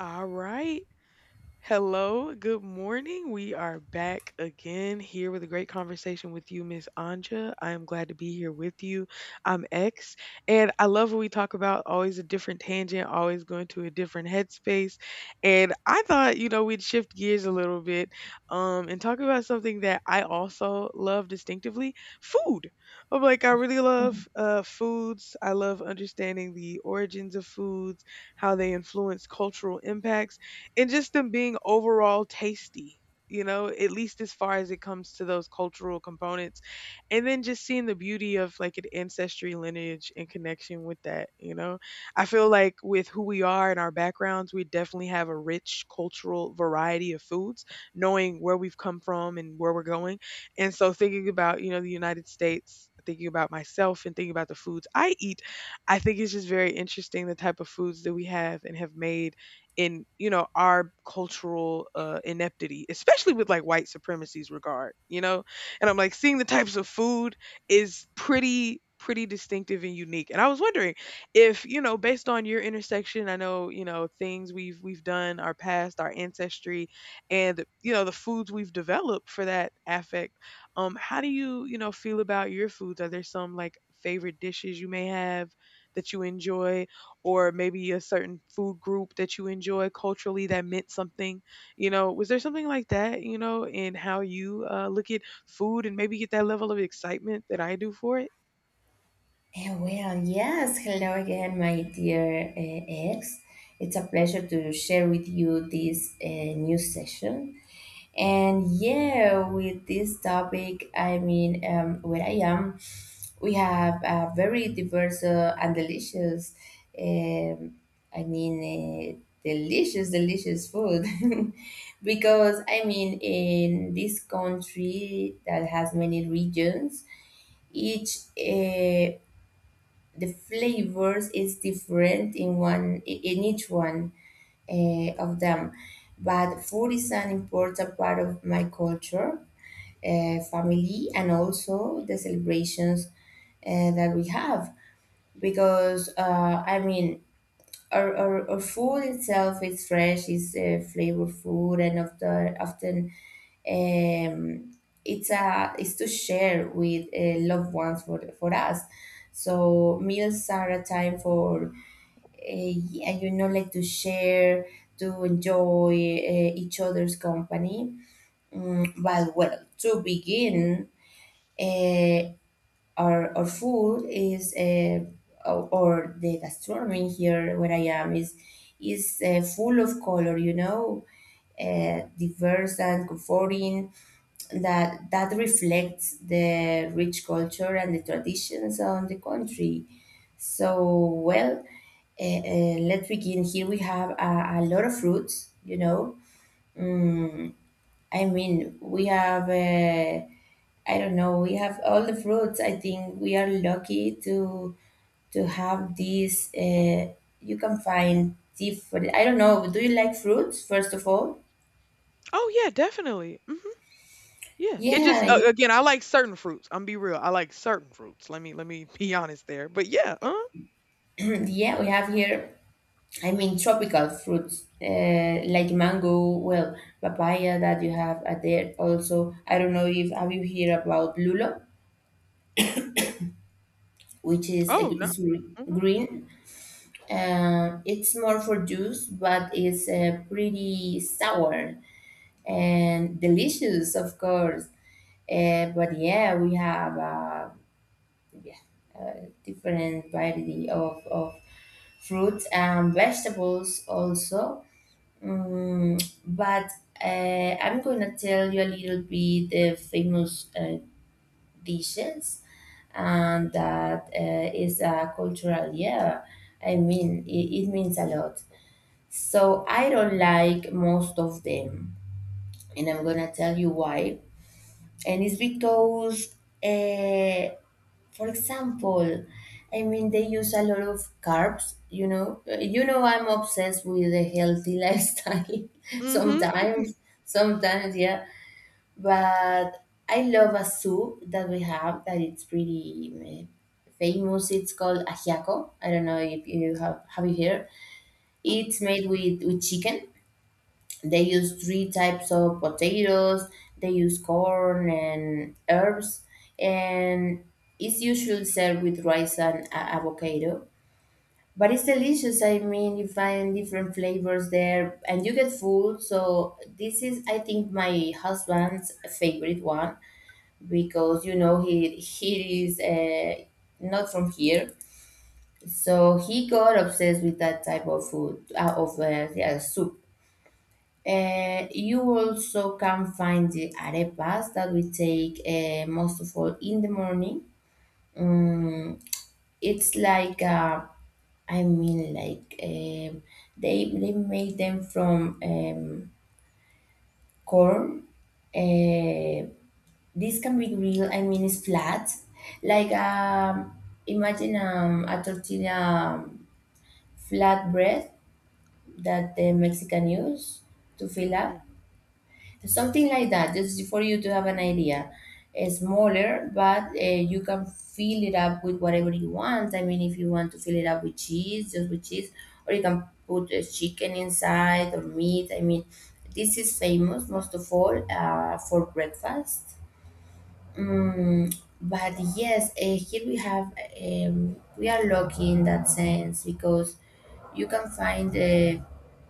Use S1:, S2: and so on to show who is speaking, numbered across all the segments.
S1: All right. Hello, good morning. We are back again here with a great conversation with you, Miss Anja. I am glad to be here with you. I'm X, and I love what we talk about. Always a different tangent, always going to a different headspace. And I thought, you know, we'd shift gears a little bit and talk about something that I also love distinctively, food. I'm like, I really
S2: Mhm.
S1: love foods. I love understanding the origins of foods, how they influence cultural impacts and just them being overall tasty, you know, at least as far as it comes to those cultural components. And then just seeing the beauty of like an ancestry lineage and connection with that, you know. I feel like with who we are and our backgrounds, we definitely have a rich cultural variety of foods, knowing where we've come from and where we're going. And so thinking about, you know, the United States, thinking about myself and thinking about the foods I eat, I think it's just very interesting the type of foods that we have and have made in, you know, our cultural ineptity, especially with like white supremacy's regard, you know. And I'm like, seeing the types of food is pretty distinctive and unique. And I was wondering if, you know, based on your intersection, I know, you know, things we've done, our past, our ancestry, and the, you know, the foods we've developed for that affect. How do you, you know, feel about your foods? Are there some like favorite dishes you may have that you enjoy, or maybe a certain food group that you enjoy culturally that meant something? You know, was there something like that, you know, in how you look at food and maybe get that level of excitement that I do for it?
S2: Well, yes. Hello again, my dear ex. It's a pleasure to share with you this new session. And yeah, with this topic, I mean, where I am, we have a very diverse and delicious, um, I mean, delicious food. Because, I mean, in this country that has many regions, each uh, the flavors is different in each one of them. But food is an important part of my culture, family, and also the celebrations that we have. Because I mean, our food itself is fresh, is flavorful, and after, often, um, it's to share with loved ones for us. So meals are a time for, yeah, like, to share, to enjoy each other's company. But well, to begin, uh, our food is, or the gastronomy here where I am is full of color, you know, diverse and comforting. That reflects the rich culture and the traditions on the country. So well, let's begin. Here we have a lot of fruits, you know. Mm, I mean, we have. I don't know. We have all the fruits. I think we are lucky to have these. You can find different. I don't know. Do you like fruits? First of all,
S1: Oh yeah, definitely. Hmm. Yeah, it just
S2: yeah,
S1: again, I like certain fruits. I'm be real, I like certain fruits. Let me be honest there. But yeah,
S2: yeah. We have here. I mean, tropical fruits like mango. Well, papaya that you have at there also. I don't know if have you heard about lulo, which is
S1: oh no.
S2: is
S1: Hmm.
S2: green. It's more for juice, but it's pretty sour and delicious, of course. But yeah, we have different variety of fruits and vegetables also. Mm, but I'm gonna tell you a little bit the famous dishes, and that is a cultural. Yeah, I mean, it means a lot. So I don't like most of them, and I'm gonna tell you why. And it's because, uh, for example, I mean, they use a lot of carbs. You know, I'm obsessed with a healthy lifestyle.
S1: Hmm.
S2: sometimes, sometimes, yeah. But I love a soup that we have that it's pretty famous. It's called ajiaco. I don't know if you have you heard. It's made with chicken. They use three types of potatoes. They use corn and herbs, and it's usually served with rice and avocado. But it's delicious. I mean, you find different flavors there, and you get full. So this is, I think, my husband's favorite one, because he is not from here, so he got obsessed with that type of food, of, yeah, soup. You also can find the arepas that we take most of all in the morning. Um, it's like, I mean, like, they make them from corn. Uh, this can be real. I mean, it's flat. Like, imagine, a tortilla, flatbread that the Mexican use to fill
S1: Mm-hmm.
S2: up. Something like that, just for you to have an idea. It's smaller, but you can fill it up with whatever you want. I mean, if you want to fill it up with cheese, just with cheese, or you can put chicken inside or meat. I mean, this is famous most of all for breakfast. Mm, but yes, here we are lucky in that sense, because you can find,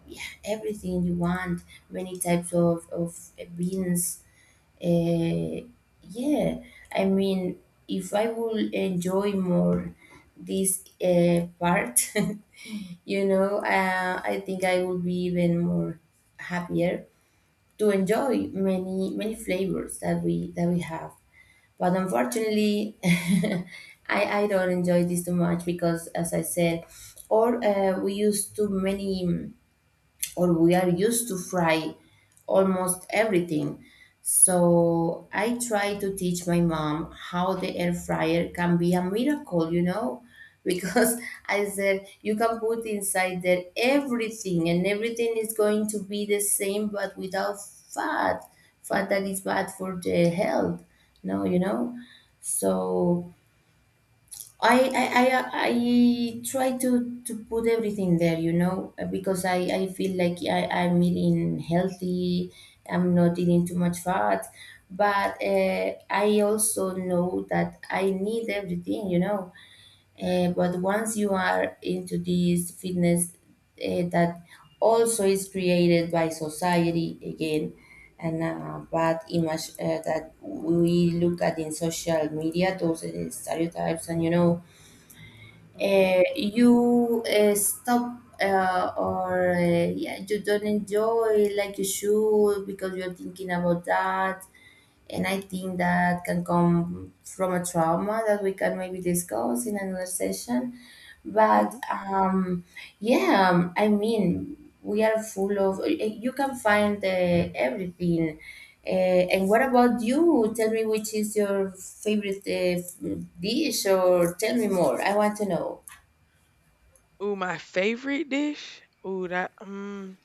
S2: yeah, everything you want, many types of beans, uh, yeah, I mean, if I will enjoy more this part, I think I will be even more happier, to enjoy many flavors that we have. But unfortunately, I don't enjoy this too much because, as I said, or, we use too many, or we are used to fry almost everything. So I try to teach my mom how the air fryer can be a miracle, you know, because I said you can put inside there everything, and everything is going to be the same but without fat, that is bad for the health. No, you know. So I try to put everything there, because I feel like I'm eating healthy, I'm not eating too much fat, but I also know that I need everything. But once you are into this fitness, that also is created by society again, and a bad image that we look at in social media, those stereotypes, and you stop, or yeah, you don't enjoy like you should, because you're thinking about that, and I think that can come from a trauma that we can maybe discuss in another session. But
S1: Mm-hmm.
S2: yeah I mean, we are full of, you can find everything. And what about you, tell me, which is your favorite dish, or tell me more, I want to know.
S1: Ooh, my favorite dish. Ooh, that.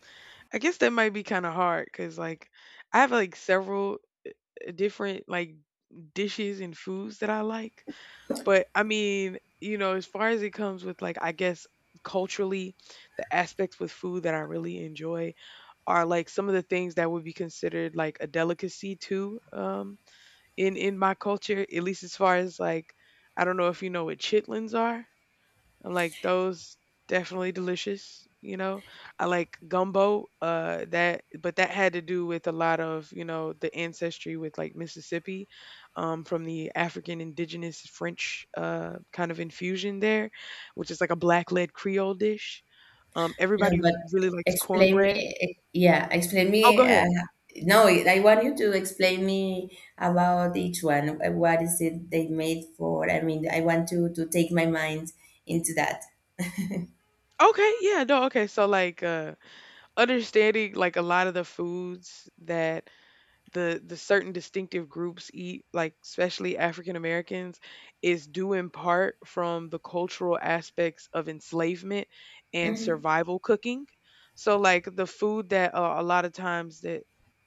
S1: I guess that might be kind of hard because, like, I have like several different like dishes and foods that I like. But I mean, you know, as far as it comes with like, I guess, culturally, the aspects with food that I really enjoy are like some of the things that would be considered like a delicacy too, in my culture, at least as far as like, I don't know if you know what chitlins are. I'm like, those definitely delicious, you know. I like gumbo, uh, that, but that had to do with a lot of, you know, the ancestry with like Mississippi, um, from the African indigenous French kind of infusion there, which is like a black-led Creole dish. Um,
S2: No,
S1: everybody
S2: but
S1: really likes
S2: explain me,
S1: cornbread.
S2: yeah, explain
S1: Oh, go
S2: me.
S1: ahead.
S2: No, I want you to explain me about each one. What is it they made for? I mean, I want to take my mind into that.
S1: Okay, yeah, no, okay. So like, understanding like a lot of the foods that the certain distinctive groups eat, like especially African Americans, is due in part from the cultural aspects of enslavement and
S2: Hmm.
S1: survival cooking. So like the food that a lot of times that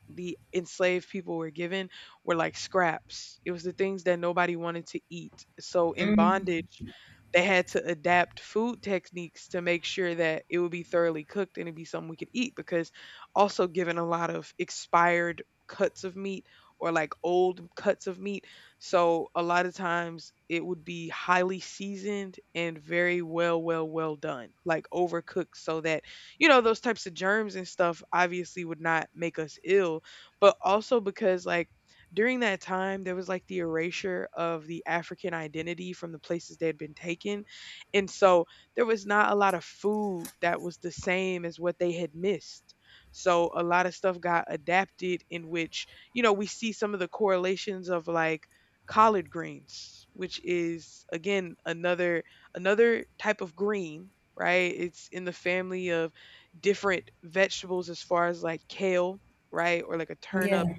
S1: the enslaved people were given were like scraps. It was the things that nobody wanted to eat. So in
S2: Hmm.
S1: bondage they had to adapt food techniques to make sure that it would be thoroughly cooked and it'd be something we could eat, because also given a lot of expired cuts of meat or like old cuts of meat. So a lot of times it would be highly seasoned and very well done, like overcooked, so that, you know, those types of germs and stuff obviously would not make us ill. But also because like during that time there was like the erasure of the African identity from the places they had been taken. And so there was not a lot of food that was the same as what they had missed. So a lot of stuff got adapted, in which, you know, we see some of the correlations of like collard greens, which is again another type of green, right? It's in the family of different vegetables as far as like kale, right? Or like a turnip
S2: Yeah,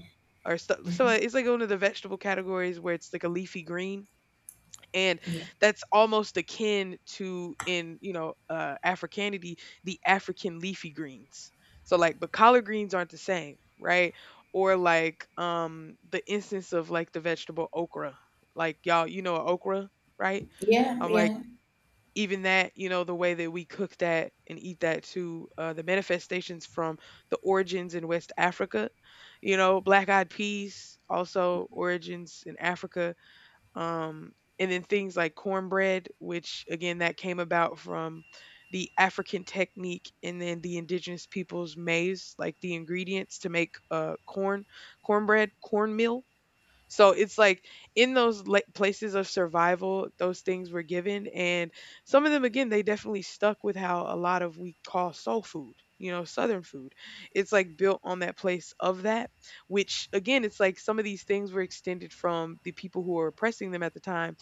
S1: or stuff. So like, it's like one of the vegetable categories where it's like a leafy green, and
S2: yeah,
S1: that's almost akin to, in, you know, africanity, the African leafy greens. So like, but collard greens aren't the same, right? Or like, the instance of like the vegetable okra. Like, y'all, you know okra, right?
S2: yeah,
S1: I'm like,
S2: yeah.
S1: even that, you know, the way that we cook that and eat that too, the manifestations from the origins in West Africa. You know, black eyed peas also origins in Africa. um, and then things like cornbread, which again, that came about from the African technique and then the indigenous people's maize, like the ingredients to make corn, cornbread, cornmeal. So it's like in places of survival, those things were given. And some of them, again, they definitely stuck with how a lot of we call soul food, you know, Southern food. It's like built on that place of that, which again, it's like some of these things were extended from the people who were oppressing them at the time.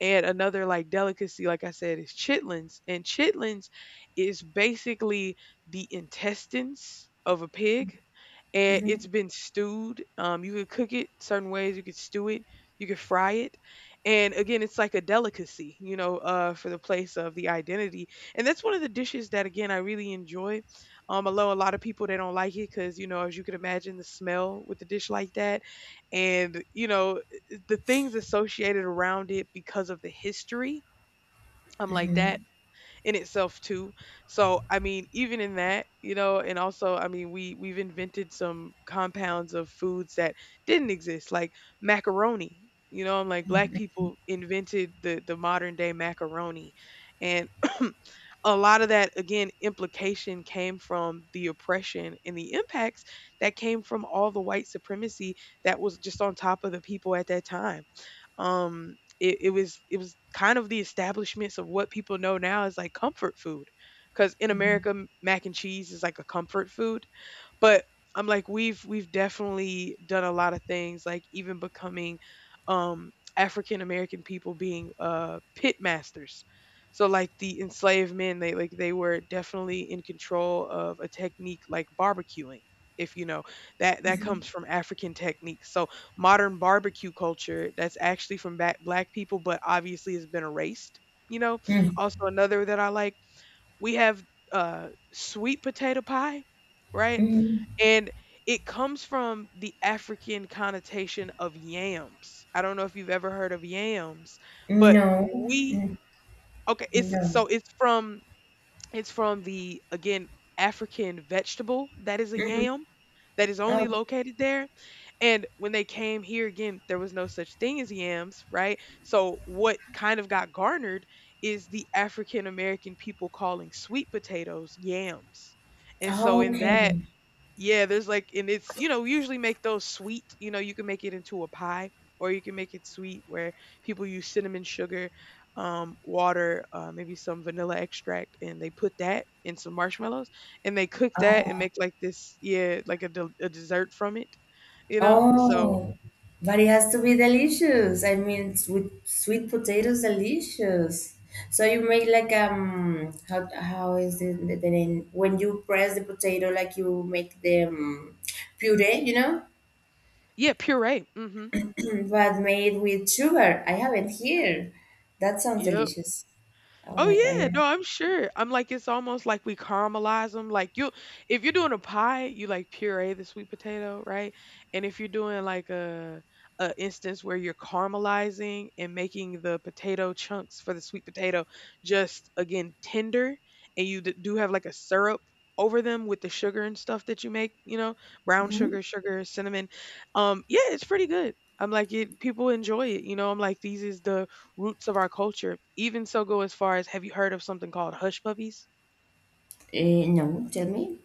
S1: And another like delicacy, like I said, is chitlins. And chitlins is basically the intestines of a pig, and it's
S2: Hmm.
S1: been stewed. You could cook it certain ways. You could stew it. You could fry it. And again, it's like a delicacy, you know, for the place of the identity. And that's one of the dishes that, again, I really enjoy. Although a lot of people, they don't like it because, you know, as you can imagine, the smell with a dish like that, and, you know, the things associated around it because of the history. I'm like that
S2: Hmm.
S1: in itself too. So I mean, even in that, you know, and also I mean, we've invented some compounds of foods that didn't exist, like macaroni. You know, I'm like, black people invented the modern day macaroni, and a lot of that again implication came from the oppression and the impacts that came from all the white supremacy that was just on top of the people at that time. It, was, it was kind of the establishments of what people know now as like comfort food, because in America mac and cheese is like a comfort food. But I'm like, we've definitely done a lot of things, like even becoming, um, African American people being pit masters. So like the enslaved men, they like, they were definitely in control of a technique like barbecuing, if you know that that comes from African techniques. So modern barbecue culture, that's actually from black people, but obviously has been erased. You know,
S2: Hmm.
S1: also another that I like, we have sweet potato pie, right?
S2: Hmm.
S1: And it comes from the African connotation of yams. I don't know if you've ever heard of yams, but
S2: No,
S1: we,
S2: mm,
S1: okay, it's,
S2: no.
S1: so it's from, it's from the, again, African vegetable that is a
S2: Hmm.
S1: yam, that is
S2: Oh,
S1: only located there. And when they came here again, there was no such thing as yams, right? So what kind of got garnered is the African American people calling sweet potatoes yams. And so in that,
S2: okay.
S1: yeah, there's like, and it's, you know, usually make those sweet, you know, you can make it into a pie, or you can make it sweet where people use cinnamon sugar, water, maybe some vanilla extract, and they put that in some marshmallows, and they cook that and make like this, yeah, like a a dessert from it, you know? So,
S2: Oh, but it has to be delicious. I mean, sweet potatoes, delicious. So you make like, how is the name? When you press the potato, like you make the, puree,
S1: yeah, puree. Mhm.
S2: but made with sugar. I have it here. That sounds
S1: Yep.
S2: delicious. Oh my God,
S1: Oh yeah,
S2: yeah.
S1: no, I'm sure. I'm like, it's almost like we caramelize them. Like you, if you're doing a pie, you like puree the sweet potato, right? And if you're doing like a instance where you're caramelizing and making the potato chunks for the sweet potato just again tender, and you do have like a syrup over them with the sugar and stuff that you make, you know, brown
S2: Mm-hmm.
S1: sugar, sugar, cinnamon. Yeah, it's pretty good. I'm like it. People enjoy it. You know, I'm like, these is the roots of our culture. Even so, go as far as, have you heard of something called hush puppies?
S2: No, tell me.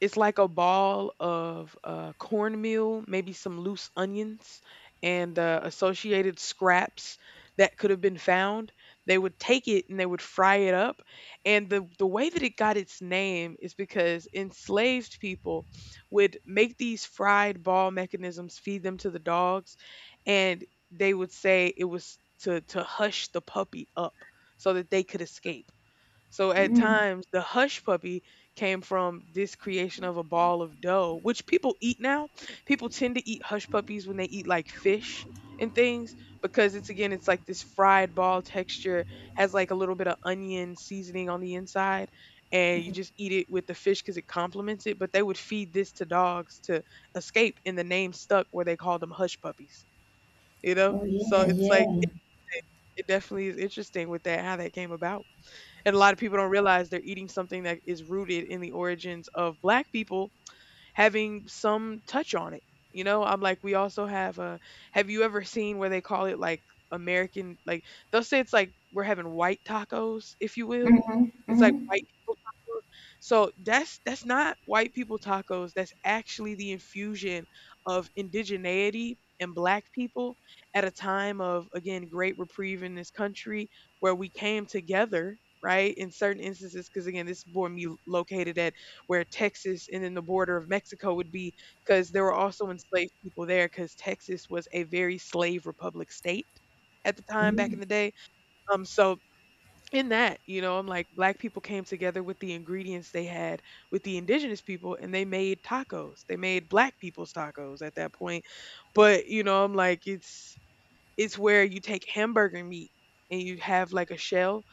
S1: It's like a ball of cornmeal, maybe some loose onions, and associated scraps that could have been found. They would take it and they would fry it up. And the way that it got its name is because enslaved people would make these fried ball mechanisms, feed them to the dogs, and they would say it was to hush the puppy up so that they could escape. So at
S2: Mm.
S1: times, the hush puppy came from this creation of a ball of dough, which people eat now. People tend to eat hush puppies when they eat like fish and things because it's again, it's like this fried ball texture, has like a little bit of onion seasoning on the inside, and you just eat it with the fish because it complements it. But they would feed this to dogs to escape, and the name stuck where they called them hush puppies, you know?
S2: Oh
S1: So
S2: yeah,
S1: it's like,
S2: yeah.
S1: it definitely is interesting with that, how that came about. And a lot of people don't realize they're eating something that is rooted in the origins of black people having some touch on it. You know, I'm like, we also have a. Have you ever seen where they call it like American? Like they'll say it's like we're having white tacos, if you will.
S2: Mm-hmm,
S1: It's like white
S2: mm-hmm,
S1: people tacos. So that's not white people tacos. That's actually the infusion of indigeneity and black people at a time of again great reprieve in this country where we came together right in certain instances because again this board me located at where Texas and then the border of Mexico would be, because there were also enslaved people there, because Texas was a very slave republic state at the time back
S2: mm-hmm.
S1: in the day. So in that, you know, I'm like, black people came together with the ingredients they had with the indigenous people and they made tacos. They made black people's tacos at that point. But, you know, I'm like, it's where you take hamburger meat and you have like a shell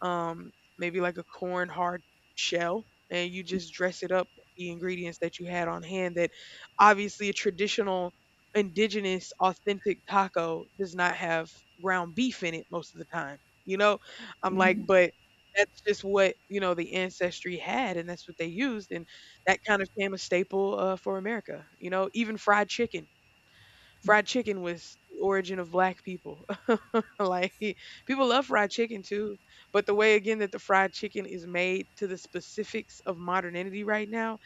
S1: um, maybe like a corn hard shell, and you just dress it up with the ingredients that you had on hand. That obviously a traditional indigenous authentic taco does not have ground beef in it most of the time. You know, I'm like,
S2: Mm-hmm.
S1: but that's just what you know the ancestry had, and that's what they used, and that kind of became a staple for America. You know, even fried chicken. Fried chicken was the origin of black people. Like people love fried chicken too, but the way again that the fried chicken is made to the specifics of modernity right now,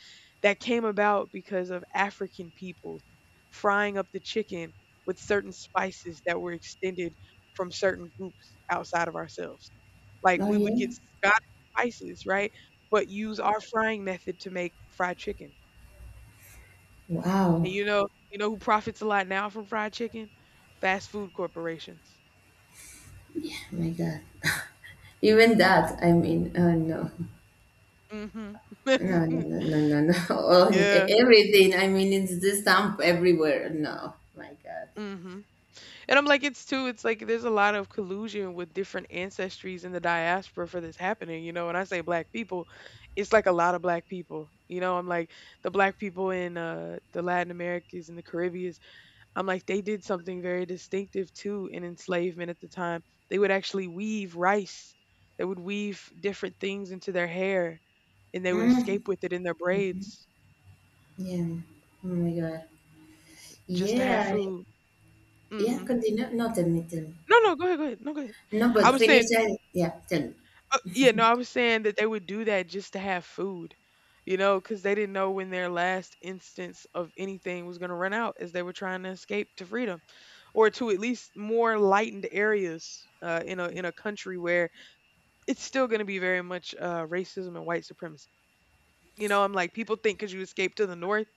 S1: that came about because of African peoples frying up the chicken with certain spices that were extended from certain groups outside of ourselves. Like
S2: Oh
S1: we would
S2: yeah.
S1: get Scottish spices, right? But use our frying method to make fried chicken. And
S2: Wow.
S1: you know, you know who profits a lot now from fried chicken? Fast food corporations.
S2: Oh my God. Even that, I mean, no,
S1: Mhm.
S2: no, no, no, no, no, no.
S1: Yeah.
S2: Everything, I mean, it's the stamp everywhere. No, my God.
S1: Mhm. And I'm like, it's too, it's like there's a lot of collusion with different ancestries in the diaspora for this happening, you know. When I say black people, it's like a lot of black people. You know, I'm like the black people in the Latin Americas and the Caribbeans, I'm like they did something very distinctive too in enslavement at the time. They would actually weave rice. They would weave different things into their hair. And they would escape
S2: Mm,
S1: with it in their braids
S2: yeah. Oh my God.
S1: just to have
S2: Yeah.
S1: food.
S2: Yeah.
S1: Mhm.
S2: Continue. No, tell me, tell me.
S1: No, no, go ahead, go ahead. No, go ahead.
S2: No,
S1: I
S2: but
S1: was
S2: finish.
S1: saying
S2: Yeah. Tell me.
S1: yeah, no, I was saying that they would do that just to have food, you know, because they didn't know when their last instance of anything was gonna run out as they were trying to escape to freedom or to at least more lightened areas in a country where it's still gonna be very much racism and white supremacy. You know, I'm like people think because you escaped to the north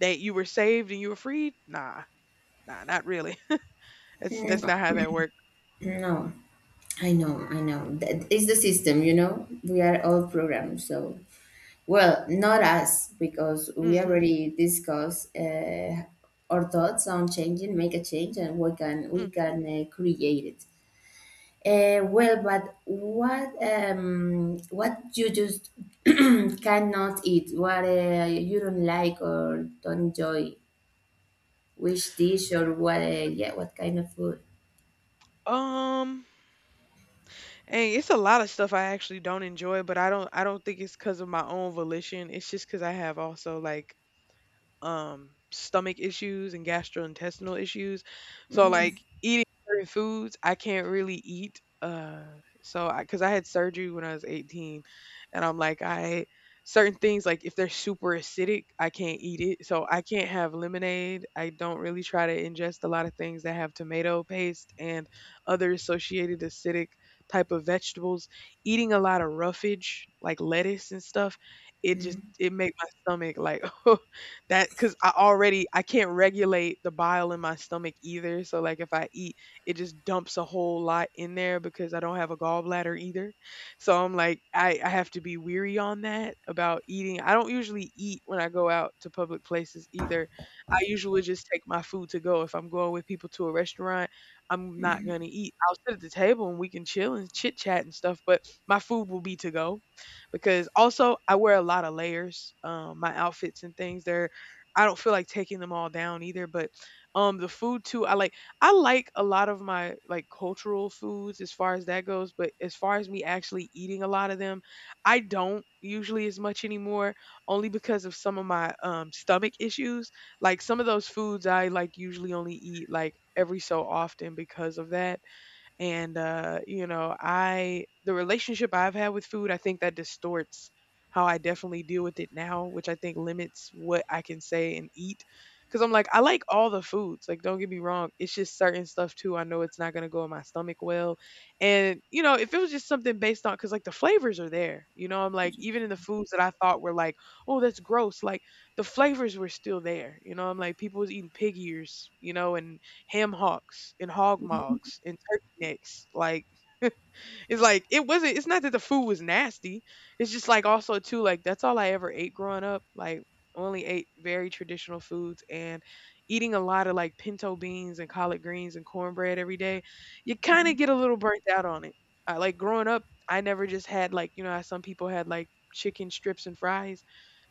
S1: that you were saved and you were freed. Nah, nah, not really. That's not how that work.
S2: No, I know, I know. That is the system. You know, we are all programmed. So. Well, not us, because we
S1: Mhm,
S2: already discussed our thoughts on changing, make a change, and we can we
S1: mm.
S2: can create it. Well, but what, what you just cannot eat, what, you don't like or don't enjoy, which dish, or what, yeah, what kind of food?
S1: Um, and it's a lot of stuff I actually don't enjoy, but I don't think it's because of my own volition. It's just because I have also like stomach issues and gastrointestinal issues. So
S2: Mm,
S1: like eating certain foods, I can't really eat. So I, cause I had surgery when I was 18 and I'm like, I, certain things, like if they're super acidic, I can't eat it. So I can't have lemonade. I don't really try to ingest a lot of things that have tomato paste and other associated acidic type of vegetables. Eating a lot of roughage, like lettuce and stuff, it just, it make my stomach like, that because I already I can't regulate the bile in my stomach either. So like if I eat, it just dumps a whole lot in there because I don't have a gallbladder either. So I'm like I have to be weary on that about eating. I don't usually eat when I go out to public places either. I usually just take my food to go. If I'm going with people to a restaurant, I'm not gonna eat. I'll sit at the table and we can chill and chit chat and stuff, but my food will be to go because also I wear a lot of layers. My outfits and things they're I don't feel like taking them all down either, but the food too, I like a lot of my like cultural foods as far as that goes, but as far as me actually eating a lot of them, I don't usually as much anymore only because of some of my stomach issues. Like some of those foods I like usually only eat like every so often because of that and you know, I the relationship I've had with food I think that distorts how I definitely deal with it now which I think limits what I can say and eat because I'm like I like all the foods like don't get me wrong it's just certain stuff too I know it's not going to go in my stomach well and you know if it was just something based on because like the flavors are there you know I'm like even in the foods that I thought were like oh that's gross like the flavors were still there you know I'm like people was eating pig ears you know and ham hocks and hog
S2: mhm,
S1: mugs and turkey necks, like it's like it wasn't it's not that the food was nasty. It's just like also too like that's all I ever ate growing up. Like only ate very traditional foods and eating a lot of like pinto beans and collard greens and cornbread every day, you kind of get a little burnt out on it. I like growing up, I never just had like, you know, how some people had like chicken strips and fries.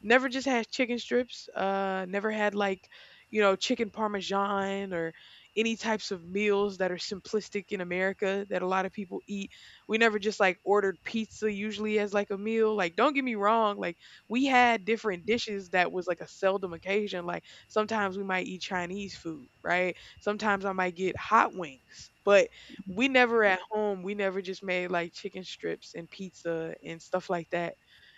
S1: Never just had chicken strips. Never had like, you know, chicken parmesan or any types of meals that are simplistic in America that a lot of people eat we never just like ordered pizza usually as like a meal. Like, don't get me wrong, like we had different dishes that was like a seldom occasion. Like sometimes we might eat Chinese food, right? Sometimes I might get hot wings. But we never at home, we never just made like chicken strips and pizza and stuff like that.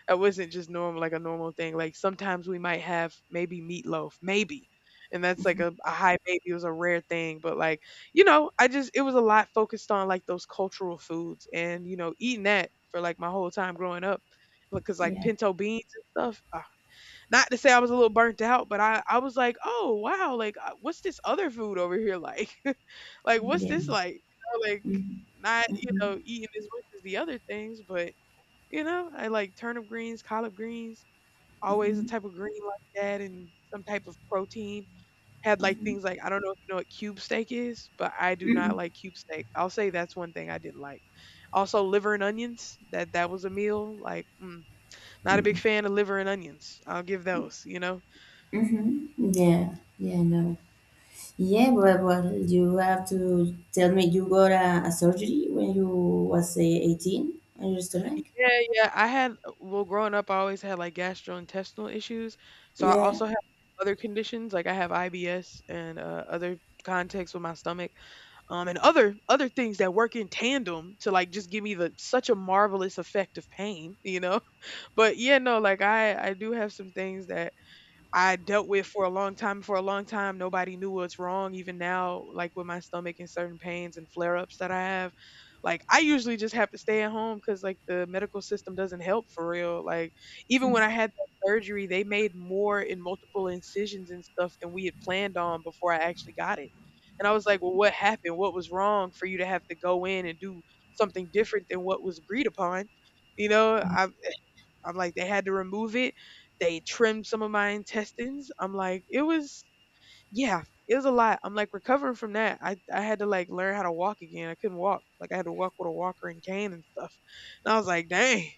S1: That wasn't just normal, like a normal thing. Like sometimes we might have maybe meatloaf, maybe. And that's like a high maybe. It was a rare thing, but like you know, I just it was a lot focused on like those cultural foods and you know eating that for like my whole time growing up because like
S2: yeah,
S1: pinto beans and stuff. Ah. Not to say I was a little burnt out, but I was like, oh wow, like what's this other food over here like? Like what's this
S2: yeah.
S1: like? You know, like
S2: Mhm,
S1: not you
S2: mhm,
S1: know eating as much as the other things, but you know I like turnip greens, collard greens, always a
S2: mhm,
S1: type of green like that and some type of protein had like
S2: mhm,
S1: things like I don't know if you know what cube steak is, but I do not
S2: mhm,
S1: like cube steak. I'll say that's one thing I didn't like. Also, liver and onions. That was a meal. Like, mm, not a big
S2: mhm,
S1: fan of liver and onions. I'll give those. You know.
S2: mhm. Yeah, yeah, no. Yeah, but you have to tell me, you got a surgery when you was 18 on your stomach?
S1: Yeah, yeah. I had well, growing up, I always had like gastrointestinal issues, so I
S2: Yeah.
S1: also have other conditions like I have IBS and other contacts with my stomach, and other things that work in tandem to like just give me the such a marvelous effect of pain. You know. But yeah, no, like I do have some things that I dealt with for a long time. For a long time, nobody knew what's wrong. Even now, like with my stomach and certain pains and flare ups that I have, like I usually just have to stay at home because like the medical system doesn't help for real. Like even when I had that surgery, they made more in multiple incisions and stuff than we had planned on before I actually got it. And I was like, well, what happened? What was wrong for you to have to go in and do something different than what was agreed upon? I I'm like, they had to remove it. They trimmed some of my intestines. I'm like, it was, yeah, it was a lot. I'm like recovering from that. I had to like learn how to walk again. I couldn't walk. Like I had to walk with a walker and cane and stuff. And I was like, dang,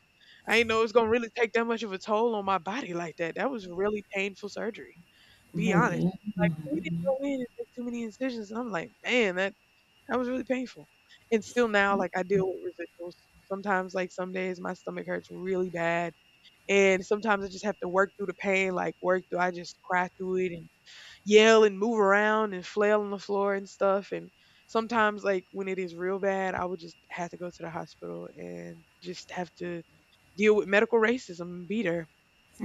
S1: I ain't know it's gonna really take that much of a toll on my body like that. That was really painful surgery. Be
S2: Oh,
S1: honest.
S2: yeah.
S1: Like we didn't go in and make too many incisions. And I'm like, man, that was really painful. And still now, like I deal with residuals. Sometimes, like some days, my stomach hurts really bad, and sometimes I just have to work through the pain, like work through. I just cry through it and yell and move around and flail on the floor and stuff. And sometimes, like when it is real bad, I would just have to go to the hospital and just have to deal with medical racism and beat her.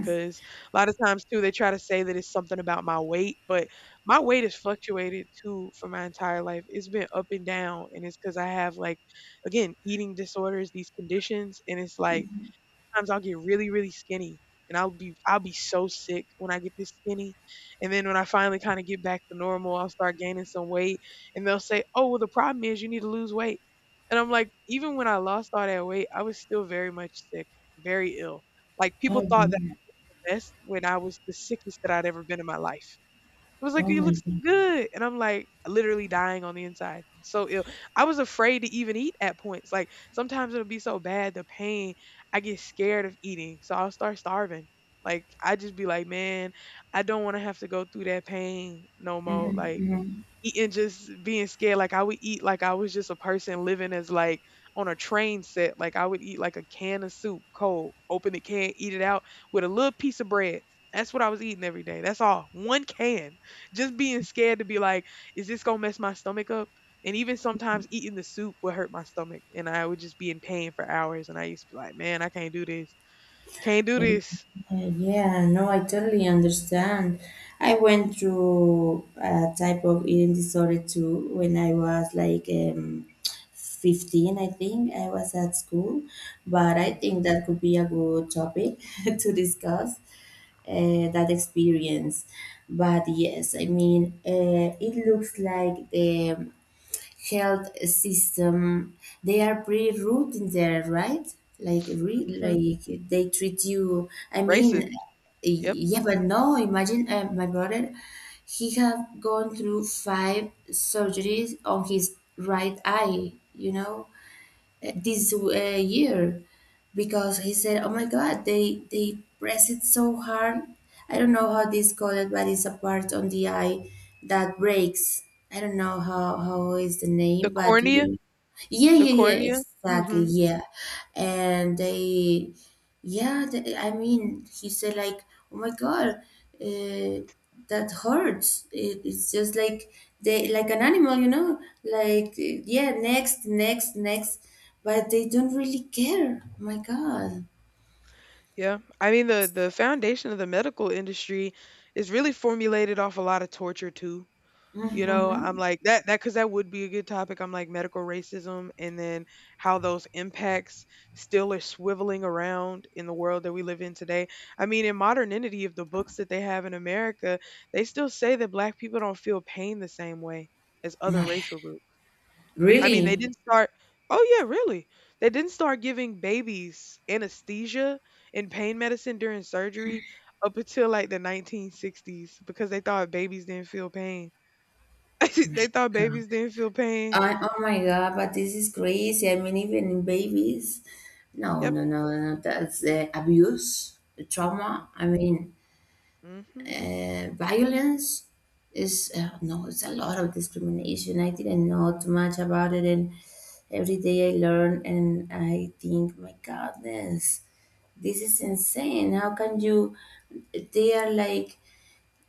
S1: Because a lot of times too, they try to say that it's something about my weight, but my weight has fluctuated too for my entire life. It's been up and down, and it's because I have like, again, eating disorders, these conditions, and it's like sometimes I'll get really, really skinny, and I'll be so sick when I get this skinny. And then when I finally kind of get back to normal, I'll start gaining some weight, and they'll say, "Oh, well, the problem is you need to lose weight." And I'm like, even when I lost all that weight, I was still very much sick, very ill. Like
S2: Oh,
S1: people thought that I
S2: yeah.
S1: was the best when I was the sickest that I'd ever been in my life. It was like,
S2: Oh,
S1: "You
S2: my
S1: look so
S2: God.
S1: good," and I'm like literally dying on the inside, so ill. I was afraid to even eat at points. Like sometimes it'll be so bad, the pain, I get scared of eating, so I'll start starving. Like I just be like, "Man, I don't want to have to go through that pain no more." Like
S2: Hmm.
S1: eating, just being scared, like I would eat like I was just a person living as like on a train set. Like I would eat like a can of soup cold, open the can, eat it out with a little piece of bread. That's what I was eating every day, that's all, one can, just being scared to be like, is this gonna mess my stomach up? And even sometimes eating the soup would hurt my stomach and I would just be in pain for hours, and I used to be like, man, I can't do this. Can't do
S2: Uh,
S1: this.
S2: Yeah, no, I totally understand. I went through a type of eating disorder too, when I was like, 15, I think. I was at school, but I think that could be a good topic to discuss that experience. But yes, I mean, it looks like the health system, they are pretty rude in there, right? Like,
S1: Hmm.
S2: like, they treat you, I mean,
S1: Racist. Yep.
S2: yeah. But no, imagine my brother, he had gone through five surgeries on his right eye, this year, because he said, "Oh my God, they press it so hard. I don't know how this called it, but it's a part on the eye that breaks. I don't know how is the
S1: The
S2: name, but do
S1: cornea.
S2: you?" Yeah,
S1: The
S2: yeah, yeah,
S1: cornea.
S2: exactly,
S1: Hmm.
S2: yeah. And they yeah, I mean, he said like, "Oh my God, uh, that hurts." It's just like, they like an animal, Like, yeah, next, next, next, but they don't really care. Oh my God.
S1: Yeah. I mean, the foundation of the medical industry is really formulated off a lot of torture too. You know, I'm like that that cuz that would be a good topic. I'm like medical racism, and then how those impacts still are swiveling around in the world that we live in today. I mean, in modernity of the books that they have in America, they still say that black people don't feel pain the same way as other
S2: My,
S1: racial groups. I mean, they
S2: really.
S1: didn't start. Oh yeah, really. They didn't start giving babies anesthesia and pain medicine during surgery up until like the 1960s because they thought babies didn't feel pain. They thought babies didn't feel pain.
S2: Oh my God, but this is crazy. I mean, even in babies. No,
S1: Yep.
S2: no, no, no. That's abuse, trauma. I mean,
S1: Mhm.
S2: violence, is no it's a lot of discrimination. I didn't know too much about it, and every day I learn, and I think, my goodness, this is insane. How can you They are like,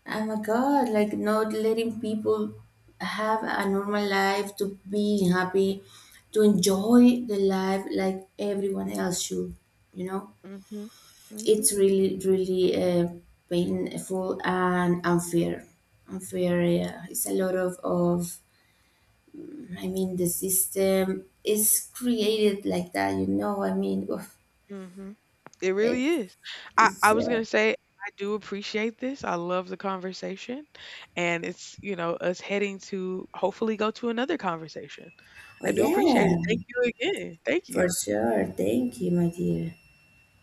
S2: oh my god, like, not letting people have a normal life, to be happy, to enjoy the life like everyone else should you know.
S1: Mhm. Mhm.
S2: It's really, really painful and unfair. Unfair, yeah. It's a lot of, I mean, the system is created like that, I mean, oof.
S1: Mhm. It really
S2: it's
S1: is. I
S2: it's
S1: I was gonna say I do appreciate this. I love the conversation, and it's you know us heading to hopefully go to another conversation.
S2: oh
S1: I do appreciate
S2: yeah,
S1: it. Thank you again. Thank
S2: for
S1: you.
S2: sure, thank you, my dear.